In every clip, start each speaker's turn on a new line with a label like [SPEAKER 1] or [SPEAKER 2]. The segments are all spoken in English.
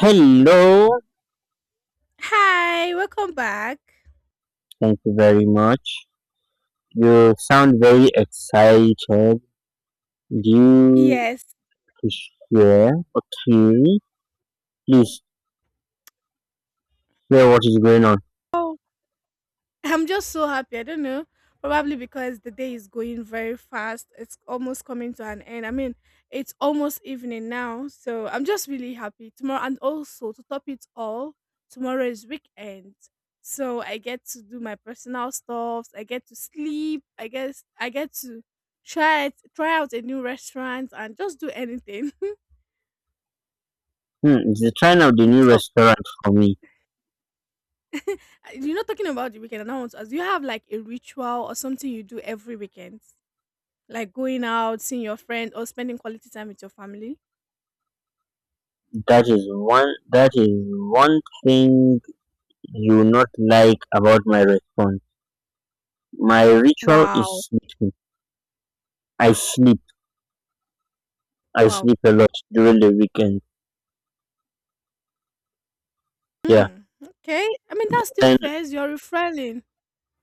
[SPEAKER 1] Hello,
[SPEAKER 2] Hi, welcome back.
[SPEAKER 1] thank you very much. You sound very excited. Do you
[SPEAKER 2] Yes.
[SPEAKER 1] share theory? Please share what is going on.
[SPEAKER 2] Oh, I'm just so happy. I don't know. Probably because the day is going very fast. It's almost coming to an end. It's almost evening now. So I'm just really happy. Tomorrow, and also to top it all, tomorrow is weekend. So I get to do my personal stuffs. I get to sleep. I guess I get to try out a new restaurant and just do anything.
[SPEAKER 1] It's the trend of the new
[SPEAKER 2] so
[SPEAKER 1] restaurant for me.
[SPEAKER 2] You're not talking about the weekend announcements. Do you have like a ritual or something you do every weekend? Like going out, seeing your friend, or spending quality time with your family?
[SPEAKER 1] That is one that is One thing you not like about my response. My ritual
[SPEAKER 2] Wow.
[SPEAKER 1] is sleeping. I sleep. I
[SPEAKER 2] Wow.
[SPEAKER 1] sleep a lot during the weekend. Yeah.
[SPEAKER 2] Hmm. Okay. I mean, that's still
[SPEAKER 1] And
[SPEAKER 2] fair. You're refueling.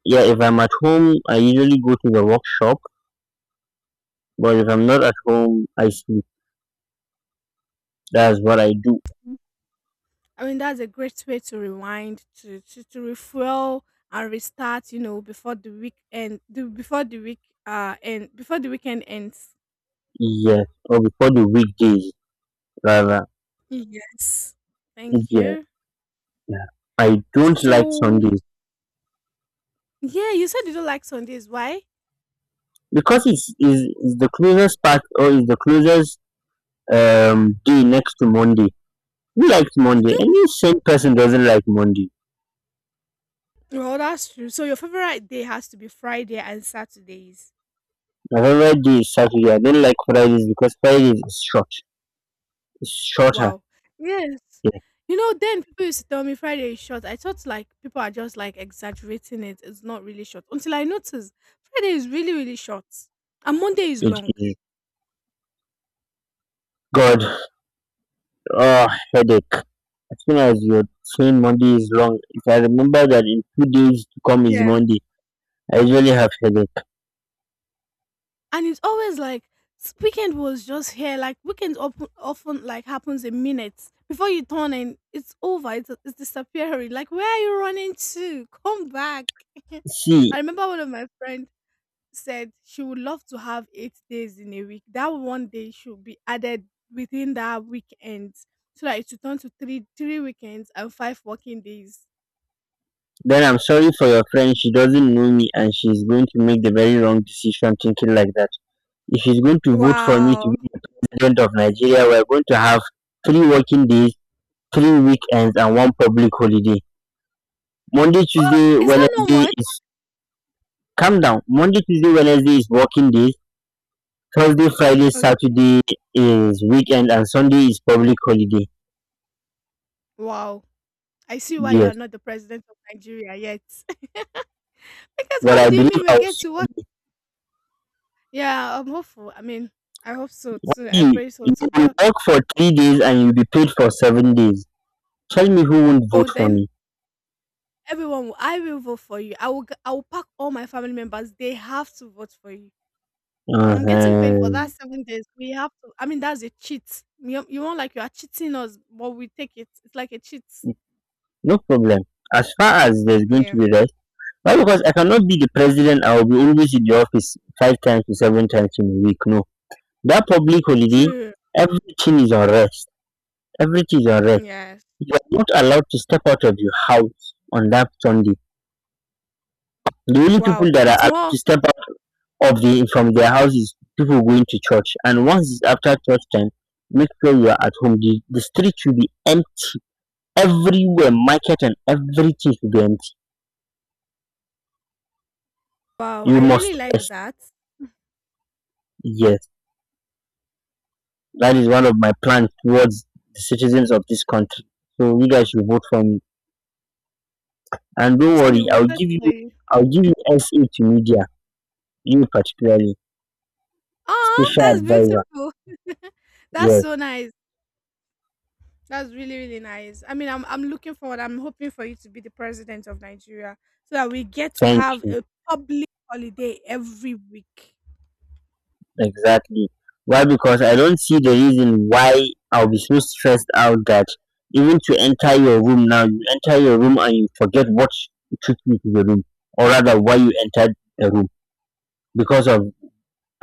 [SPEAKER 1] yeah, if I'm at home I usually go to the workshop, but if I'm not at home I sleep. That's what I do.
[SPEAKER 2] I mean, that's a great way to rewind, to refuel and restart, you know, before the before the and before the weekend ends.
[SPEAKER 1] Yes, or before the weekdays rather.
[SPEAKER 2] Yes. Thank
[SPEAKER 1] Yes,
[SPEAKER 2] you.
[SPEAKER 1] yeah. I don't like
[SPEAKER 2] So,
[SPEAKER 1] Sundays
[SPEAKER 2] yeah, you said you don't like Sundays. Why?
[SPEAKER 1] because it's is the closest part or is the closest day next to Monday. Who likes Monday? Any sane person doesn't like Monday.
[SPEAKER 2] Well, that's true. So your favorite day has to be Friday and Saturdays.
[SPEAKER 1] My favorite day is Saturday. I don't like Fridays because Fridays is short. It's shorter.
[SPEAKER 2] Wow. Yes.
[SPEAKER 1] Yeah,
[SPEAKER 2] You know, then people used to tell me Friday is short. I thought like people are just like exaggerating it. It's not really short. Until I noticed Friday is really, really short. And Monday is
[SPEAKER 1] it
[SPEAKER 2] long.
[SPEAKER 1] is. God, oh headache. As soon as you're saying Monday is long, if I remember that in 2 days to come is
[SPEAKER 2] Yeah.
[SPEAKER 1] Monday, I usually have headache.
[SPEAKER 2] And it's always like weekend was just here. Like weekend often like happens in minutes. Before you turn and it's over. It's disappearing. Like where are you running to? Come back.
[SPEAKER 1] See,
[SPEAKER 2] I remember one of my friends said she would love to have 8 days in a week. That one day should be added within that weekend so that it should turn to three weekends and five working days.
[SPEAKER 1] then I'm sorry for your friend, she doesn't know me and she's going to make the very wrong decision thinking like that. If she's going to vote for me to
[SPEAKER 2] Wow.
[SPEAKER 1] be the president of Nigeria, we're going to have three working days, three weekends and one public holiday. Monday,
[SPEAKER 2] Oh,
[SPEAKER 1] Tuesday,
[SPEAKER 2] is that not
[SPEAKER 1] Wednesday
[SPEAKER 2] much?
[SPEAKER 1] is Calm down. Monday, Tuesday, Wednesday is working days. Thursday, Friday,
[SPEAKER 2] Okay.
[SPEAKER 1] Saturday is weekend and Sunday is public holiday.
[SPEAKER 2] Wow. I see why you are
[SPEAKER 1] Yes.
[SPEAKER 2] not the president of Nigeria yet. Because
[SPEAKER 1] But
[SPEAKER 2] how
[SPEAKER 1] I
[SPEAKER 2] do you
[SPEAKER 1] believe
[SPEAKER 2] mean we
[SPEAKER 1] I'll
[SPEAKER 2] get to
[SPEAKER 1] see
[SPEAKER 2] work? Yeah, I'm hopeful. I mean, I hope so too. I
[SPEAKER 1] you.
[SPEAKER 2] pray so
[SPEAKER 1] You
[SPEAKER 2] too.
[SPEAKER 1] will
[SPEAKER 2] But
[SPEAKER 1] work for 3 days and you'll be paid for 7 days. Tell me who won't
[SPEAKER 2] oh,
[SPEAKER 1] vote for
[SPEAKER 2] then
[SPEAKER 1] me.
[SPEAKER 2] I will vote for you. I will. I will pack all my family members. They have to vote for you. I'm getting paid for that
[SPEAKER 1] Uh-huh.
[SPEAKER 2] 7 days. We have to I mean, that's a cheat. You want like you are cheating us, but we take it. It's like a cheat.
[SPEAKER 1] No problem. As far as there's going to
[SPEAKER 2] Yeah.
[SPEAKER 1] be rest, why? Because I cannot be the president. I will be always in the office 5 times to 7 times in a week. No, that public holiday,
[SPEAKER 2] True.
[SPEAKER 1] everything is on rest. Everything is on rest.
[SPEAKER 2] Yes.
[SPEAKER 1] You are not allowed to step out of your house on that Sunday. The only people
[SPEAKER 2] Wow.
[SPEAKER 1] that are
[SPEAKER 2] It's
[SPEAKER 1] allowed
[SPEAKER 2] more
[SPEAKER 1] to step out of the from their houses people going to church. And once it's after church time, make sure you are at home. The street will be empty everywhere, market and everything should be empty.
[SPEAKER 2] wow,
[SPEAKER 1] You
[SPEAKER 2] I really
[SPEAKER 1] must
[SPEAKER 2] like
[SPEAKER 1] rest.
[SPEAKER 2] that.
[SPEAKER 1] Yes, that is one of my plans towards the citizens of this country. So you guys should vote for me. And don't
[SPEAKER 2] Trust me,
[SPEAKER 1] worry,
[SPEAKER 2] we'll fetch for you.
[SPEAKER 1] I'll give you SA to media, you particularly,
[SPEAKER 2] Aw,
[SPEAKER 1] special
[SPEAKER 2] that's
[SPEAKER 1] advisor.
[SPEAKER 2] beautiful. That's
[SPEAKER 1] Yes,
[SPEAKER 2] so nice. That's really, really nice. I mean, I'm looking forward. I'm hoping for you to be the president of Nigeria so that we get to
[SPEAKER 1] thank
[SPEAKER 2] have
[SPEAKER 1] you.
[SPEAKER 2] a public holiday every week.
[SPEAKER 1] Exactly. Why? Because I don't see the reason why I'll be so stressed out that even to enter your room now, you enter your room and you forget what took you to the room, or rather why you entered the room. Because of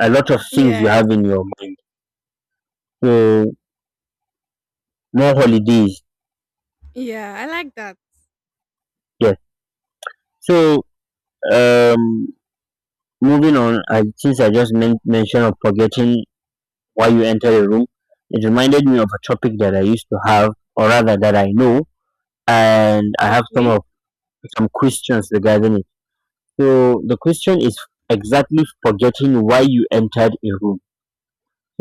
[SPEAKER 1] a lot of things you
[SPEAKER 2] Yes.
[SPEAKER 1] have in your mind. So more holidays.
[SPEAKER 2] Yeah, I like that.
[SPEAKER 1] Yes. So um, moving on, since I just mentioned of forgetting why you enter a room, it reminded me of a topic that I used to have, or rather that I know, and I have
[SPEAKER 2] Okay.
[SPEAKER 1] some questions regarding it. So the question is exactly forgetting why you entered a room.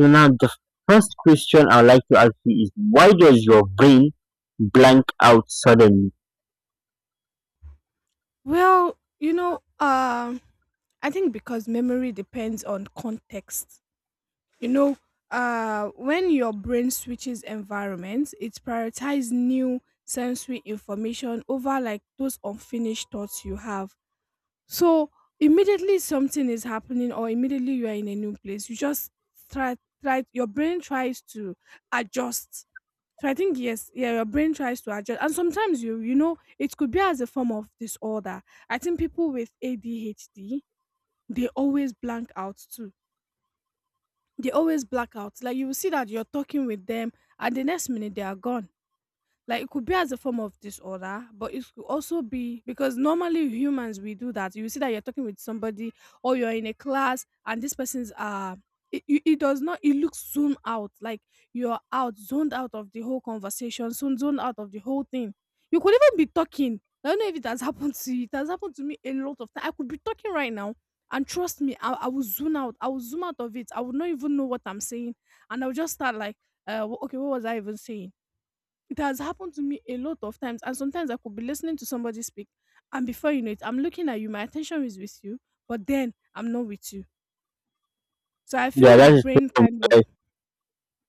[SPEAKER 1] So now the first question I'd like to ask you is why does your brain blank out suddenly?
[SPEAKER 2] Well, you know, I think because memory depends on context. You know, when your brain switches environments, it prioritizes new sensory information over like those unfinished thoughts you have. So immediately something is happening or immediately you are in a new place, you just try try your brain tries to adjust. So I think yeah, your brain tries to adjust. And sometimes you know, it could be as a form of disorder. I think people with ADHD, they always blank out too. They always black out. Like you will see that you're talking with them and the next minute they are gone, like it could be as a form of disorder, but it could also be because normally humans we do that. You see that you're talking with somebody or you're in a class and this person's it, it does not, it looks zoomed out. Like you're out, zoned out of the whole conversation, soon zoned out of the whole thing. You could even be talking. I don't know if it has happened to you. It has happened to me a lot of time. I could be talking right now, and trust me, I will zoom out, I will zoom out of it. I would not even know what I'm saying, and I'll just start like okay, what was I even saying? It has happened to me a lot of times, and sometimes I could be listening to somebody speak, and before you know it, I'm looking at you, my attention is with you, but then I'm not with you. So I
[SPEAKER 1] Yeah,
[SPEAKER 2] feel
[SPEAKER 1] that
[SPEAKER 2] the
[SPEAKER 1] is
[SPEAKER 2] brain
[SPEAKER 1] true.
[SPEAKER 2] kind of
[SPEAKER 1] Like,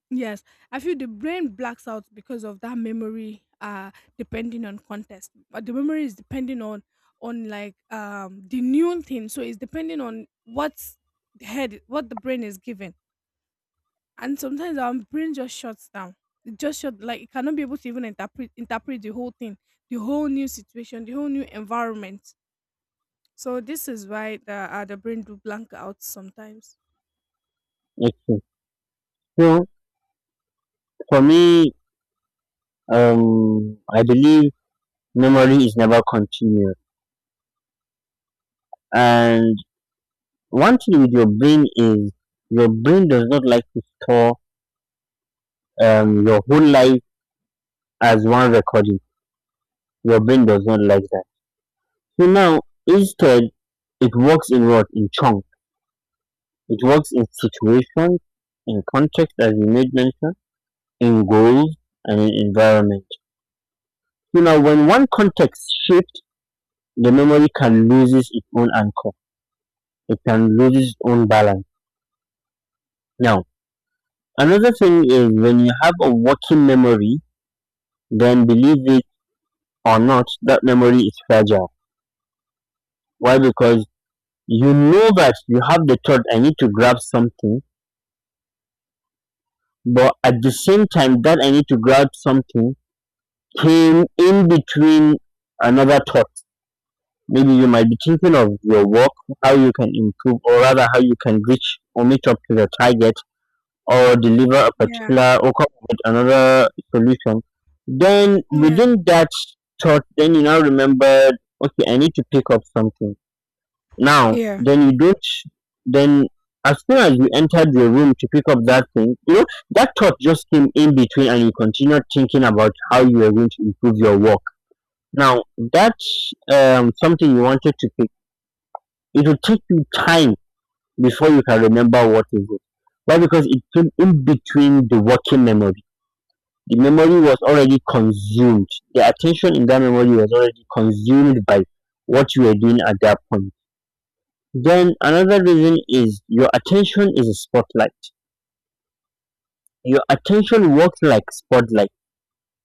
[SPEAKER 2] yes, I feel the brain blacks out because of that memory depending on context. But the memory is depending on like the new thing. So it's depending on what the head what the brain is given. And sometimes our brain just shuts down. It just shut, like it cannot be able to even interpret the whole thing, the whole new situation, the whole new environment. So this is why the brain do blank out sometimes.
[SPEAKER 1] it's true. So for me, I believe memory is never continuous. And one thing with your brain is your brain does not like to store your whole life as one recording. Your brain does not like that. So now instead, it works in what in chunks. It works in situations, in context, as you made mention, in goals and in environment. So now when one context shapes the memory can lose its own anchor. It can lose its own balance. Now, another thing is when you have a working memory, then believe it or not, that memory is fragile. Why? Because you know that you have the thought, I need to grab something, but at the same time that I need to grab something came in between another thought. Maybe you might be thinking of your work, how you can improve, or rather how you can reach or meet up to the target or deliver a
[SPEAKER 2] Yeah,
[SPEAKER 1] particular or come up with another solution. Then
[SPEAKER 2] yeah,
[SPEAKER 1] within that thought, then you now remember, okay, I need to pick up something. Now,
[SPEAKER 2] yeah,
[SPEAKER 1] then you don't, then as soon as you entered your room to pick up that thing, you know, that thought just came in between and you continued thinking about how you are going to improve your work. Now, that's something you wanted to pick. It will take you time before you can remember what is it. Why? Because it came in between the working memory. The memory was already consumed, their attention in that memory was already consumed by what you were doing at that point. Then another reason is your attention is a spotlight. Your attention works like spotlight.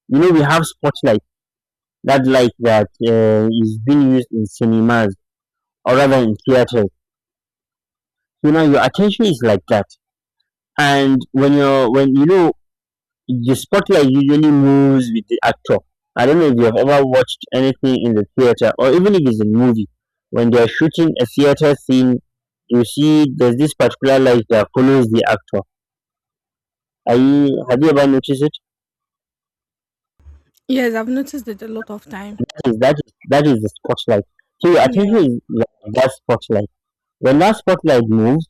[SPEAKER 1] You know we have spotlight, that light that is being used in cinemas or rather in theaters. You know your attention is like that, and when you're when you know The spotlight usually moves with the actor. I don't know if you've ever watched anything in the theater or even if it's a movie. When they're shooting a theater scene, you see there's this particular light that follows the actor. Have you ever noticed it?
[SPEAKER 2] yes. I've noticed it a lot of time.
[SPEAKER 1] That is the spotlight. So your
[SPEAKER 2] Yeah.
[SPEAKER 1] attention is like that spotlight. When that spotlight moves,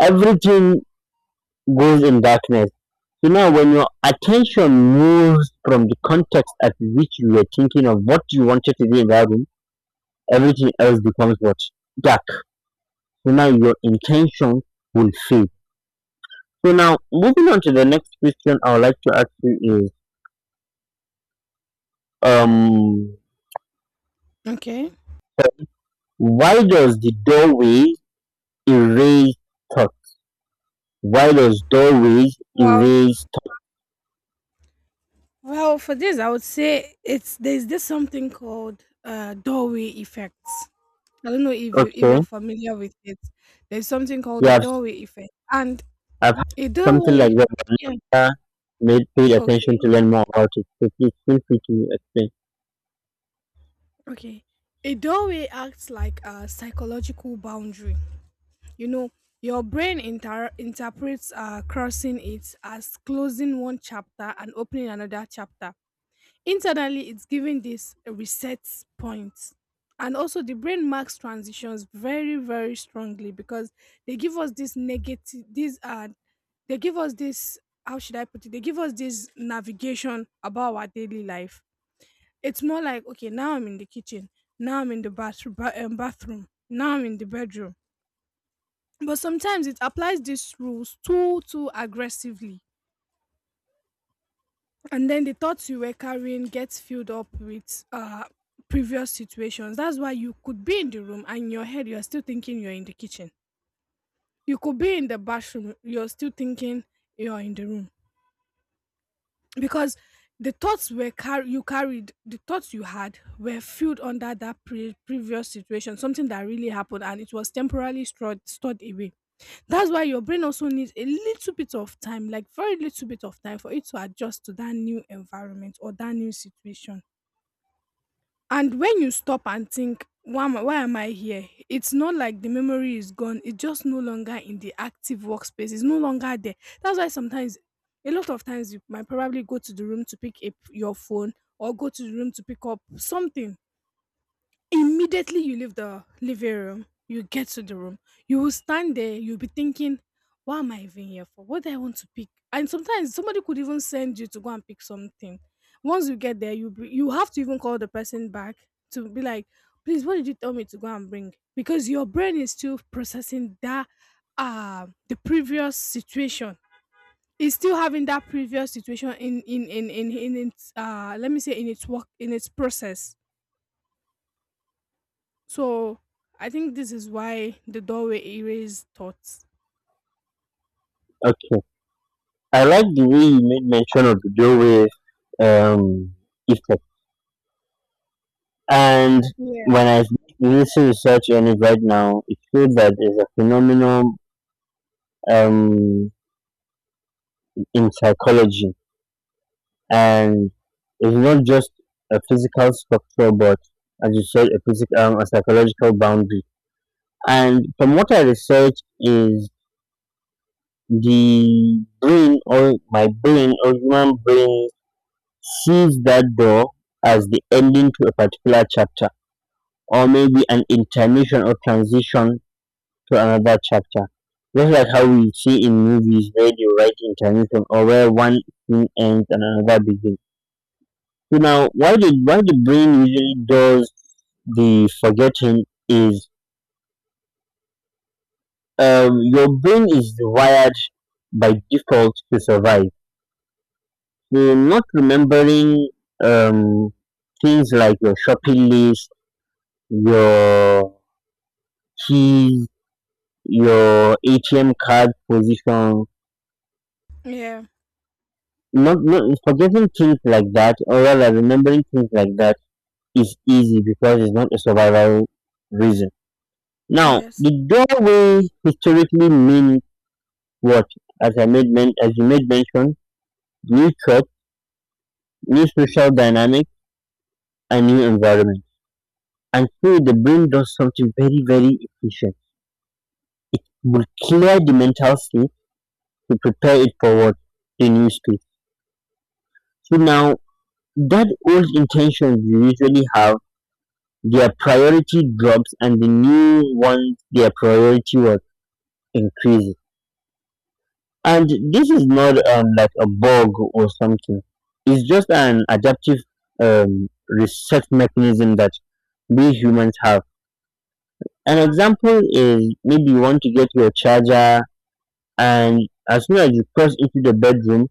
[SPEAKER 1] everything goes in darkness. So now when your attention moves from the context at which you were thinking of what you wanted to be in that room, everything else becomes what? Dark. So now your intention will fade. So now moving on to the next question I would like to ask you is um
[SPEAKER 2] Okay.
[SPEAKER 1] why does the doorway erase thoughts? Why does doorways
[SPEAKER 2] Wow.
[SPEAKER 1] erase
[SPEAKER 2] Well, for this, I would say it's there's this something called doorway effects. I don't know if you,
[SPEAKER 1] thoughts?
[SPEAKER 2] if
[SPEAKER 1] Okay.
[SPEAKER 2] you're familiar with it. There's something called the
[SPEAKER 1] Yeah, I've,
[SPEAKER 2] doorway effect, and
[SPEAKER 1] I've had
[SPEAKER 2] a
[SPEAKER 1] something like
[SPEAKER 2] doorway,
[SPEAKER 1] that but
[SPEAKER 2] yeah,
[SPEAKER 1] never made paid attention
[SPEAKER 2] okay,
[SPEAKER 1] to learn more about it. So please feel free to explain.
[SPEAKER 2] okay. A doorway acts like a psychological boundary. You know, your brain interprets crossing it as closing one chapter and opening another chapter. Internally, it's giving this a reset point. And also, the brain marks transitions very, very strongly because they give us this negative, these they give us this, how should I put it? They give us this navigation about our daily life. It's more like, okay, now I'm in the kitchen, now I'm in the bathroom, bathroom, now I'm in the bedroom. But sometimes it applies these rules too aggressively, and then the thoughts you were carrying gets filled up with previous situations. That's why you could be in the room and in your head you're still thinking you're in the kitchen. You could be in the bathroom, you're still thinking you're in the room, because the thoughts were you carried, the thoughts you had were filled under that previous situation, something that really happened, and it was temporarily stored away. That's why your brain also needs a little bit of time, like very little bit of time, for it to adjust to that new environment or that new situation. And when you stop and think, why am I here? It's not like the memory is gone. It's just no longer in the active workspace. It's no longer there. That's why sometimes, a lot of times, you might probably go to the room to pick up your phone or go to the room to pick up something. Immediately you leave the living room, you get to the room, you will stand there, you'll be thinking, what am I even here for? What do I want to pick? And sometimes somebody could even send you to go and pick something. Once you get there, you have to even call the person back to be like, please, what did you tell me to go and bring? Because your brain is still processing that the previous situation. It's still having that previous situation in its let me say in its work in its process, so I think this is why the doorway erased thoughts.
[SPEAKER 1] Okay. I like the way you made mention of the doorway um effect. And
[SPEAKER 2] Yeah.
[SPEAKER 1] when I listen to research on it right now, it shows that there's a phenomenon um, in psychology, and it's not just a physical structure, but as you said, a physical, a psychological boundary. And from what I research is the brain or my brain or human brain sees that door as the ending to a particular chapter or maybe an intermission or transition to another chapter, just like how we see in movies where they write intermission or where one thing ends and another begins. So now, why the brain usually does the forgetting is your brain is wired by default to survive. So not remembering um, things like your shopping list, your keys, your ATM card position,
[SPEAKER 2] Yeah.
[SPEAKER 1] not forgetting things like that or rather remembering things like that is easy because it's not a survival reason. Now
[SPEAKER 2] Yes.
[SPEAKER 1] the doorway historically means what, as you made mention, new threat, new social dynamic and new environment. And so the brain does something very, very efficient. It will clear the mental state to prepare it for what the new space. So now that old intention you usually have their priority drops, and the new ones their priority was increased. And this is not like a bug or something. It's just an adaptive reset mechanism that we humans have. An example is maybe you want to get your charger, and as soon as you cross into the bedroom,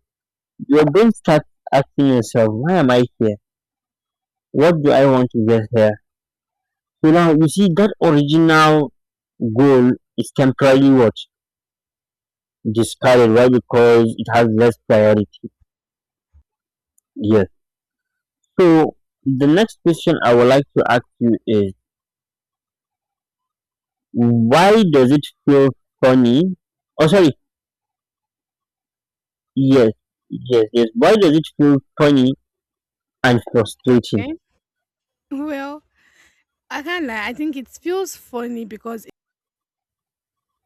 [SPEAKER 1] your brain starts asking yourself, why am I here? What do I want to get here? So now you see that original goal is temporarily what discarded. Why? Because it has less
[SPEAKER 2] Yeah.
[SPEAKER 1] priority. Yes. So the next question I would like to ask you is why does it feel funny? Oh, sorry. Yes, yes. Why does it feel funny and frustrating?
[SPEAKER 2] Okay. Well, I can't lie. I think it feels funny because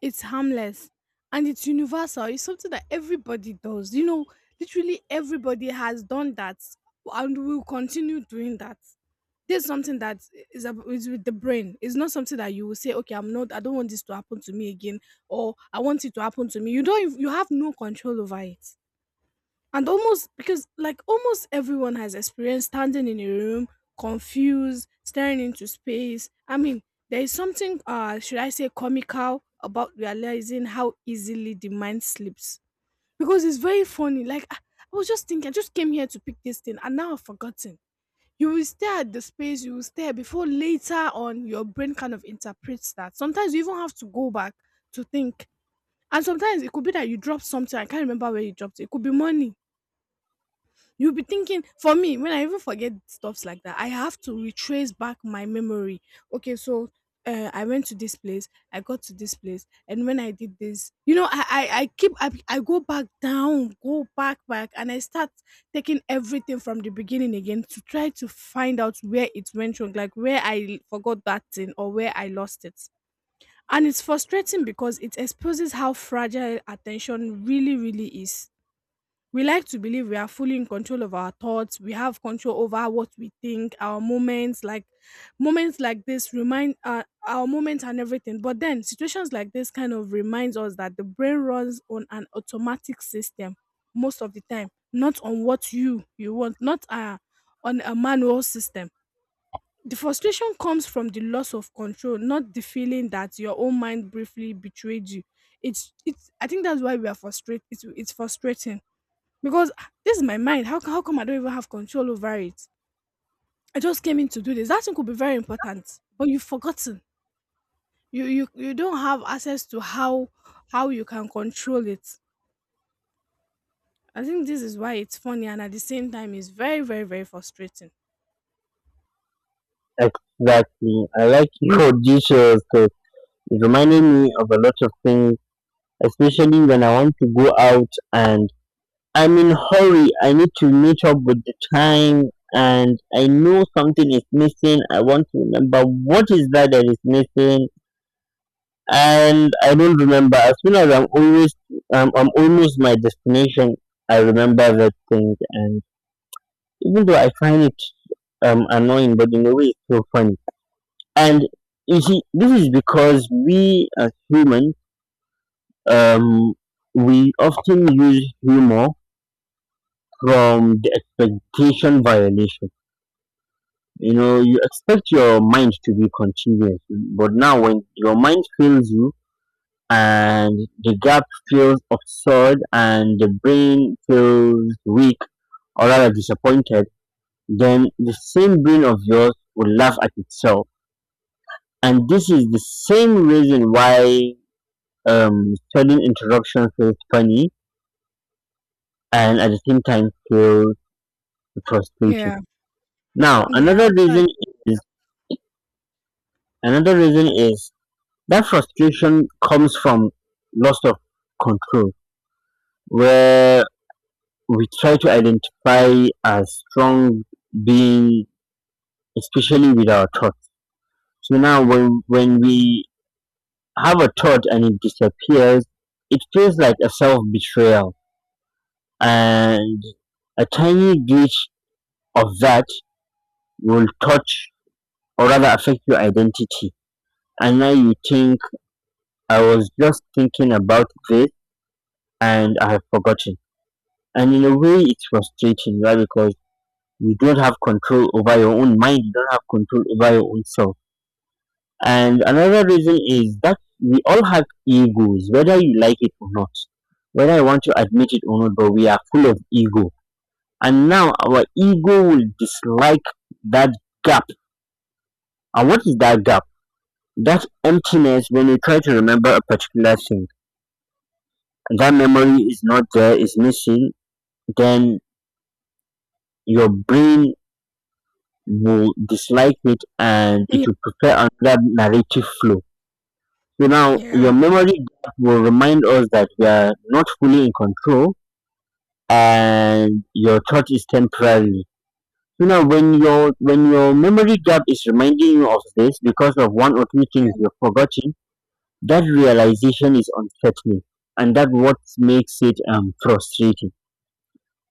[SPEAKER 2] it's harmless and it's universal. It's something that everybody does. You know, literally everybody has done that and will continue doing that. There's something that is with the brain. It's not something that you will say, okay, I don't want this to happen to me again, or I want it to happen to me. You don't, ev- You have no control over it. And almost because like almost everyone has experienced standing in a room, confused, staring into space. I mean, there is something should I say comical about realizing how easily the mind sleeps. Because it's very funny. I was just thinking, I just came here to pick this thing and now I've forgotten. You will stare at the space, you will stare before later on your brain kind of interprets that. Sometimes you even have to go back to think. And sometimes it could be that you drop something, I can't remember where you dropped it. It could be money. You'll be thinking, for me, when I even forget stuffs like that, I have to retrace back my memory. Okay, so I went to this place, I got to this place, and when I did this, you know, I keep I go back down, go back and I start taking everything from the beginning again to try to find out where it went wrong, like where I forgot that thing or where I lost it. And it's frustrating because it exposes how fragile attention really, really is. We like to believe we are fully in control of our thoughts. We have control over what we think, our moments like this remind our moments and everything. But then situations like this kind of reminds us that the brain runs on an automatic system most of the time, not on what you want, not on a manual system. The frustration comes from the loss of control, not the feeling that your own mind briefly betrayed you. It's I think that's why we are frustrated. It's frustrating because this is my mind. How, how come I don't even have control over it? I just came in to do this. That thing could be very important, but you've forgotten. You don't have access to how you can control it. I think this is why it's funny and at the same time it's very very very frustrating.
[SPEAKER 1] Exactly. I like your details because it reminded me of a lot of things, especially when I want to go out and I'm in hurry, I need to meet up with the time and I know something is missing. I want to remember what is that that is missing and I don't remember. As soon as I'm always I'm almost my destination, I remember that thing and even though I find it annoying but in a way it's so funny. And you see, this is because we as humans um we often use humor from the expectation violation. You know, you expect your mind to be continuous, but now when your mind fails you and the gap feels absurd and the brain feels weak, or rather disappointed, then the same brain of yours will laugh at itself. And this is the same reason why sudden interruption feels funny and at the same time feels frustrating.
[SPEAKER 2] Yeah,
[SPEAKER 1] Now
[SPEAKER 2] yeah.
[SPEAKER 1] another
[SPEAKER 2] I also,
[SPEAKER 1] reason is, another reason is, that frustration comes from loss of control, where we try to identify as strong being, especially with our thoughts. So now, when we have a thought and it disappears, it feels like a self betrayal. And a tiny glitch of that will touch or rather affect your identity. And now you think, I was just thinking about this and I have forgotten. And in a way it's frustrating, right? Because you don't have control over your own mind, you don't have control over your own self. And another reason is that we all have egos, whether you like it or not, whether I want to admit it or not, but we are full of ego. And now our ego will dislike that gap. And what is that gap? That emptiness when you try to remember a particular thing, that memory is not there, is missing. Then your brain will dislike it and
[SPEAKER 2] agree.
[SPEAKER 1] it
[SPEAKER 2] Yeah,
[SPEAKER 1] will prepare another narrative flow. So now
[SPEAKER 2] yeah.
[SPEAKER 1] your memory gap will remind us that we are not fully in control and your thought is temporary. So now when your memory gap is reminding you of this because of one or two things
[SPEAKER 2] Yeah.
[SPEAKER 1] you've forgotten, that realization is unsettling and that what makes it frustrating.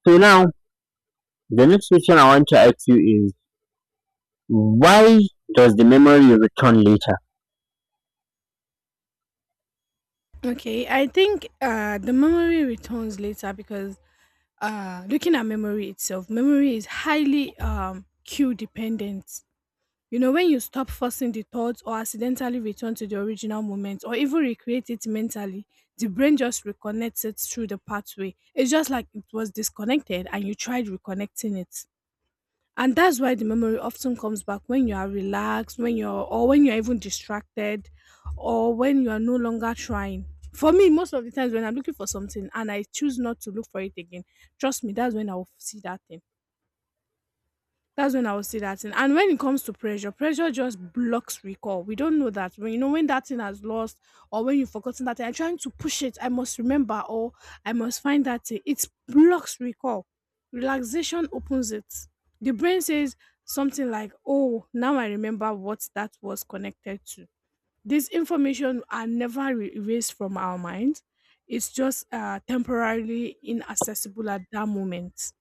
[SPEAKER 1] So now the next question I want to ask you is, why does the memory return later?
[SPEAKER 2] Okay, I think the memory returns later because looking at memory itself, memory is highly cue dependent. You know, when you stop forcing the thoughts or accidentally return to the original moment or even recreate it mentally, the brain just reconnects it through the pathway. It's just like it was disconnected and you tried reconnecting it. And that's why the memory often comes back when you are relaxed, when you're or when you're even distracted or when you are no longer trying. For me, most of the times when I'm looking for something and I choose not to look for it again, trust me, that's when I'll see that thing. That's when I will see that thing. And when it comes to pressure, pressure just blocks recall. We don't know that when you know when that thing has lost or when you've forgotten that thing, I'm trying to push it. I must remember or I must find that thing. It blocks recall. Relaxation opens it. The brain says something like, "Oh, now I remember what that was connected to." This information are never erased from our mind. It's just temporarily inaccessible at that moment,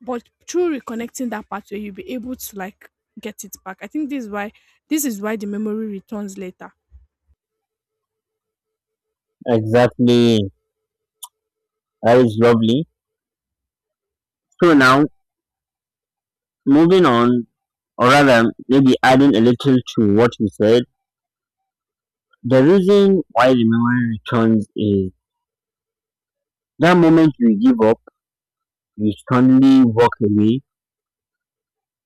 [SPEAKER 2] but through reconnecting that pathway you'll be able to like get it back. I think this is why the memory returns later.
[SPEAKER 1] Exactly. That is lovely. So now, moving on, or rather, maybe adding a little to what you said, the reason why the memory returns is, that moment you give up, you suddenly walk away,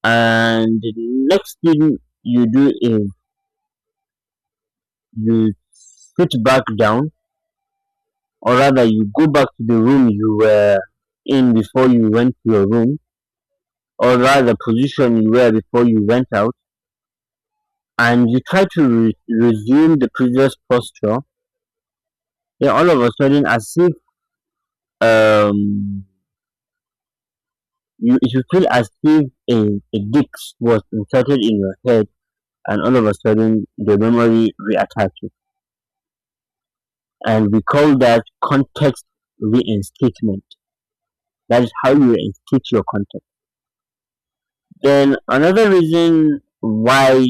[SPEAKER 1] and the next thing you do is, you sit back down, or rather, you go back to the room you were in before you went to your room, or rather, position you were before you went out, and you try to resume the previous posture. Then all of a sudden, as if um, you, it will feel as if a, a disc was inserted in your head, and all of a sudden, the memory reattaches. And we call that context reinstatement. That is how you reinstate your context. Then, another reason why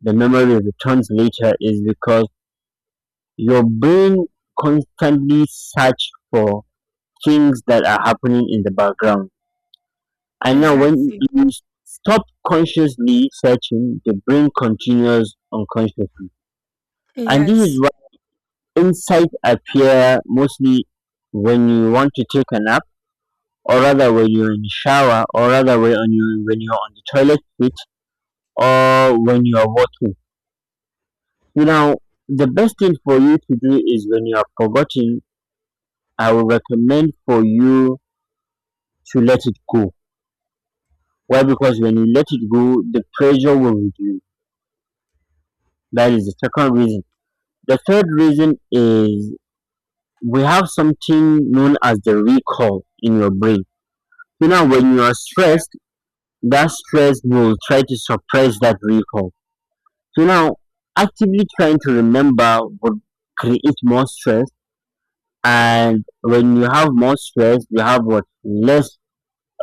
[SPEAKER 1] the memory returns later is because your brain constantly search for things that are happening in the background. And now, when
[SPEAKER 2] Exactly.
[SPEAKER 1] you stop consciously searching, the brain continues unconsciously. And this is
[SPEAKER 2] Yes.
[SPEAKER 1] why insights appear mostly when you want to take a nap, or rather when you're in the shower, or rather when you when you're on the toilet seat, or when you're walking. You know, the best thing for you to do is when you are forgotten, I will recommend for you to let it go. Why? Because when you let it go, the pressure will reduce. That is the second reason. The third reason is, we have something known as the recall in your brain. So now, when you are stressed, that stress will try to suppress that recall. So now, actively trying to remember would create more stress, and when you have more stress, you have what, less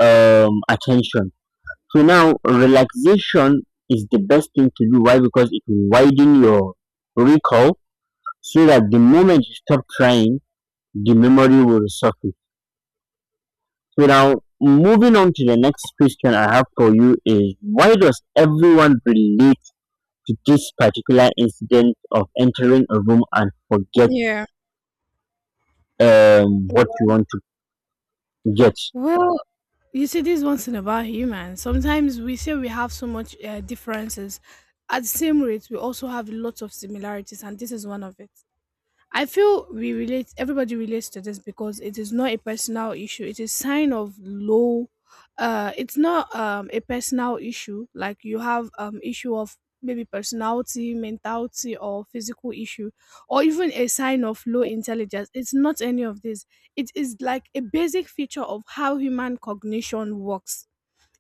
[SPEAKER 1] attention. So now relaxation is the best thing to do. Why? Because it will widen your recall so that the moment you stop trying, the memory will surface. So now moving on to the next question I have for you is, why does everyone relate to this particular incident of entering a room and forget
[SPEAKER 2] Yeah.
[SPEAKER 1] what you want to get?
[SPEAKER 2] Well, you see this is one thing about humans, sometimes we say we have so much differences, at the same rate we also have lots of similarities, and this is one of it. I feel we relate, everybody relates to this because it is not a personal issue. It is sign of low it's not a personal issue, like you have issue of maybe personality, mentality or physical issue or even a sign of low intelligence. It's not any of this. It is like a basic feature of how human cognition works.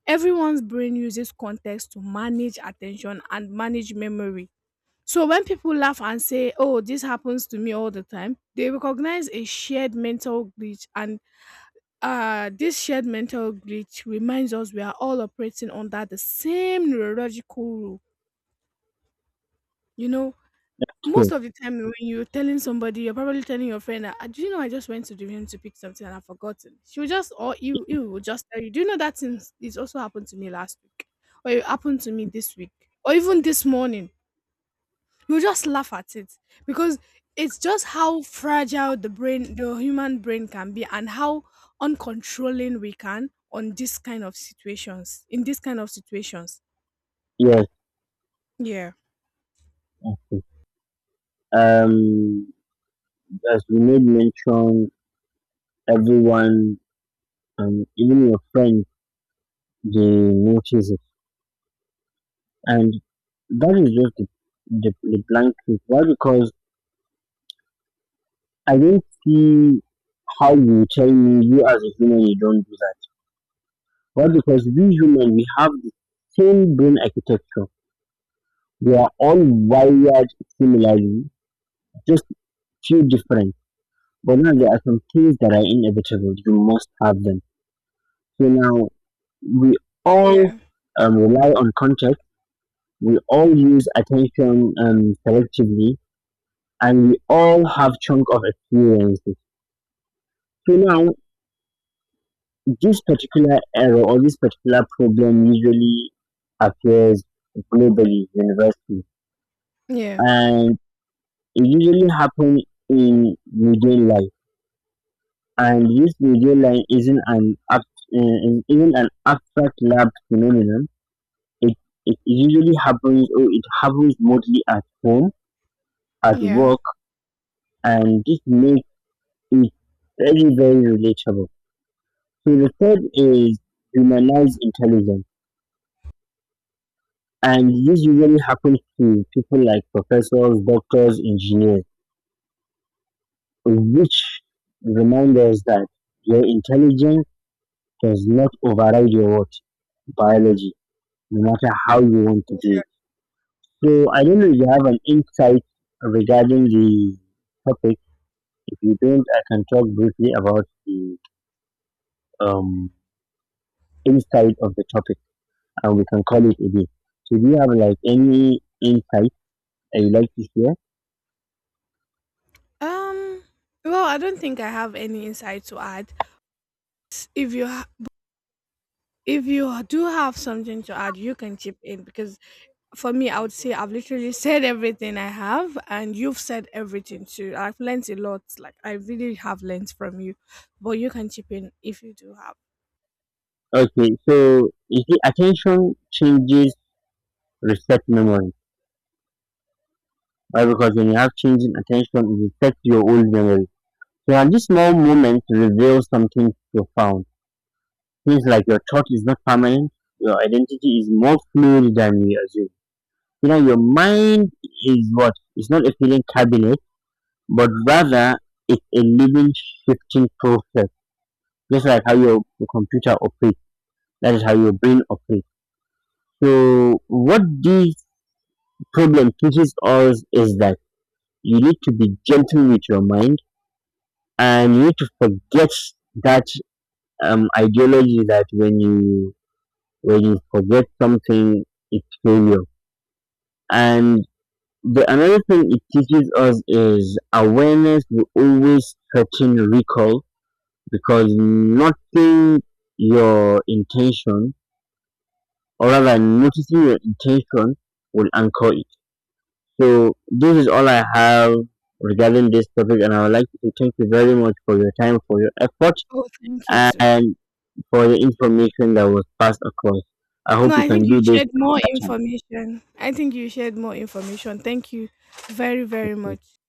[SPEAKER 2] Everyone's brain uses context to manage attention and manage memory, so when people laugh and say, "Oh, this happens to me all the time," they recognize a shared mental glitch, and this shared mental glitch reminds us we are all operating under the same neurological rule. You know, most
[SPEAKER 1] Okay.
[SPEAKER 2] of the time when you're telling somebody, you're probably telling your friend, "Ah, do you know I just went to the room to pick something and I've forgotten?" She will just, or you will just tell you, "Do you know that thing? It also happened to me last week, or it happened to me this week, or even this morning." You will just laugh at it because it's just how fragile the brain, the human brain can be, and how uncontrolling we can on this kind of situations. In this kind of situations.
[SPEAKER 1] Yes.
[SPEAKER 2] Yeah.
[SPEAKER 1] Okay. Um, as we made mention, everyone, even your friends, they notice it. And that is just the, the blank truth. Why? Because I don't see how you tell me, you as a human, you don't do that. Why? Because we human, we have the same brain architecture. We are all wired similarly, just few different. But now there are some things that are inevitable. You must have them. So now we all
[SPEAKER 2] Yeah.
[SPEAKER 1] rely on context. We all use attention selectively, and we all have chunk of experiences. So now this particular error or this particular problem usually appears globally, universally,
[SPEAKER 2] Yeah.
[SPEAKER 1] and it usually happens in median line. And this median line isn't an act, isn't an abstract lab phenomenon. It it usually happens, or it happens mostly at home, at
[SPEAKER 2] Yeah.
[SPEAKER 1] work, and this makes it very, very relatable. So the third is humanize intelligence, and this usually happens to people like professors, doctors, engineers, which remind us that your intelligence does not override your what, biology, no matter how you want to do it. So I don't know if you have an insight regarding the topic. If you don't, I can talk briefly about the um, insight of the topic, and we can call it a day. So do you have like any insight that you like to share?
[SPEAKER 2] Um. Well, I don't think I have any insight to add. If you If you do have something to add, you can chip in because for me, I would say I've literally said everything I have, and you've said everything too. I've learned a lot. Like I really have learned from you, but you can chip in if you do have.
[SPEAKER 1] Okay, so you see, attention changes reset memory. Right? Because when you have changing attention, it resets your old memory. So and this small moment reveals something profound. Things like your thought is not permanent, your identity is more fluid than we assume. You know, your mind is what? It's not a feeling cabinet, but rather it's a living, shifting process. Just like how your computer operates, that is how your brain operates. So, what these problem teaches us is that you need to be gentle with your mind and you need to forget that ideology that when you forget something, it's failure. And the another thing it teaches us is, awareness will always threaten recall, because noting your intention, or rather noticing your intention, will anchor it. So this is all I have regarding this topic, and I would like to thank you very much for your time, for your effort,
[SPEAKER 2] Oh, thank you too.
[SPEAKER 1] and for the information that was passed across. I hope
[SPEAKER 2] No,
[SPEAKER 1] you
[SPEAKER 2] I think
[SPEAKER 1] can
[SPEAKER 2] you
[SPEAKER 1] do this
[SPEAKER 2] shared
[SPEAKER 1] some
[SPEAKER 2] more
[SPEAKER 1] other time.
[SPEAKER 2] information. I think you shared more information. Thank you very, very much.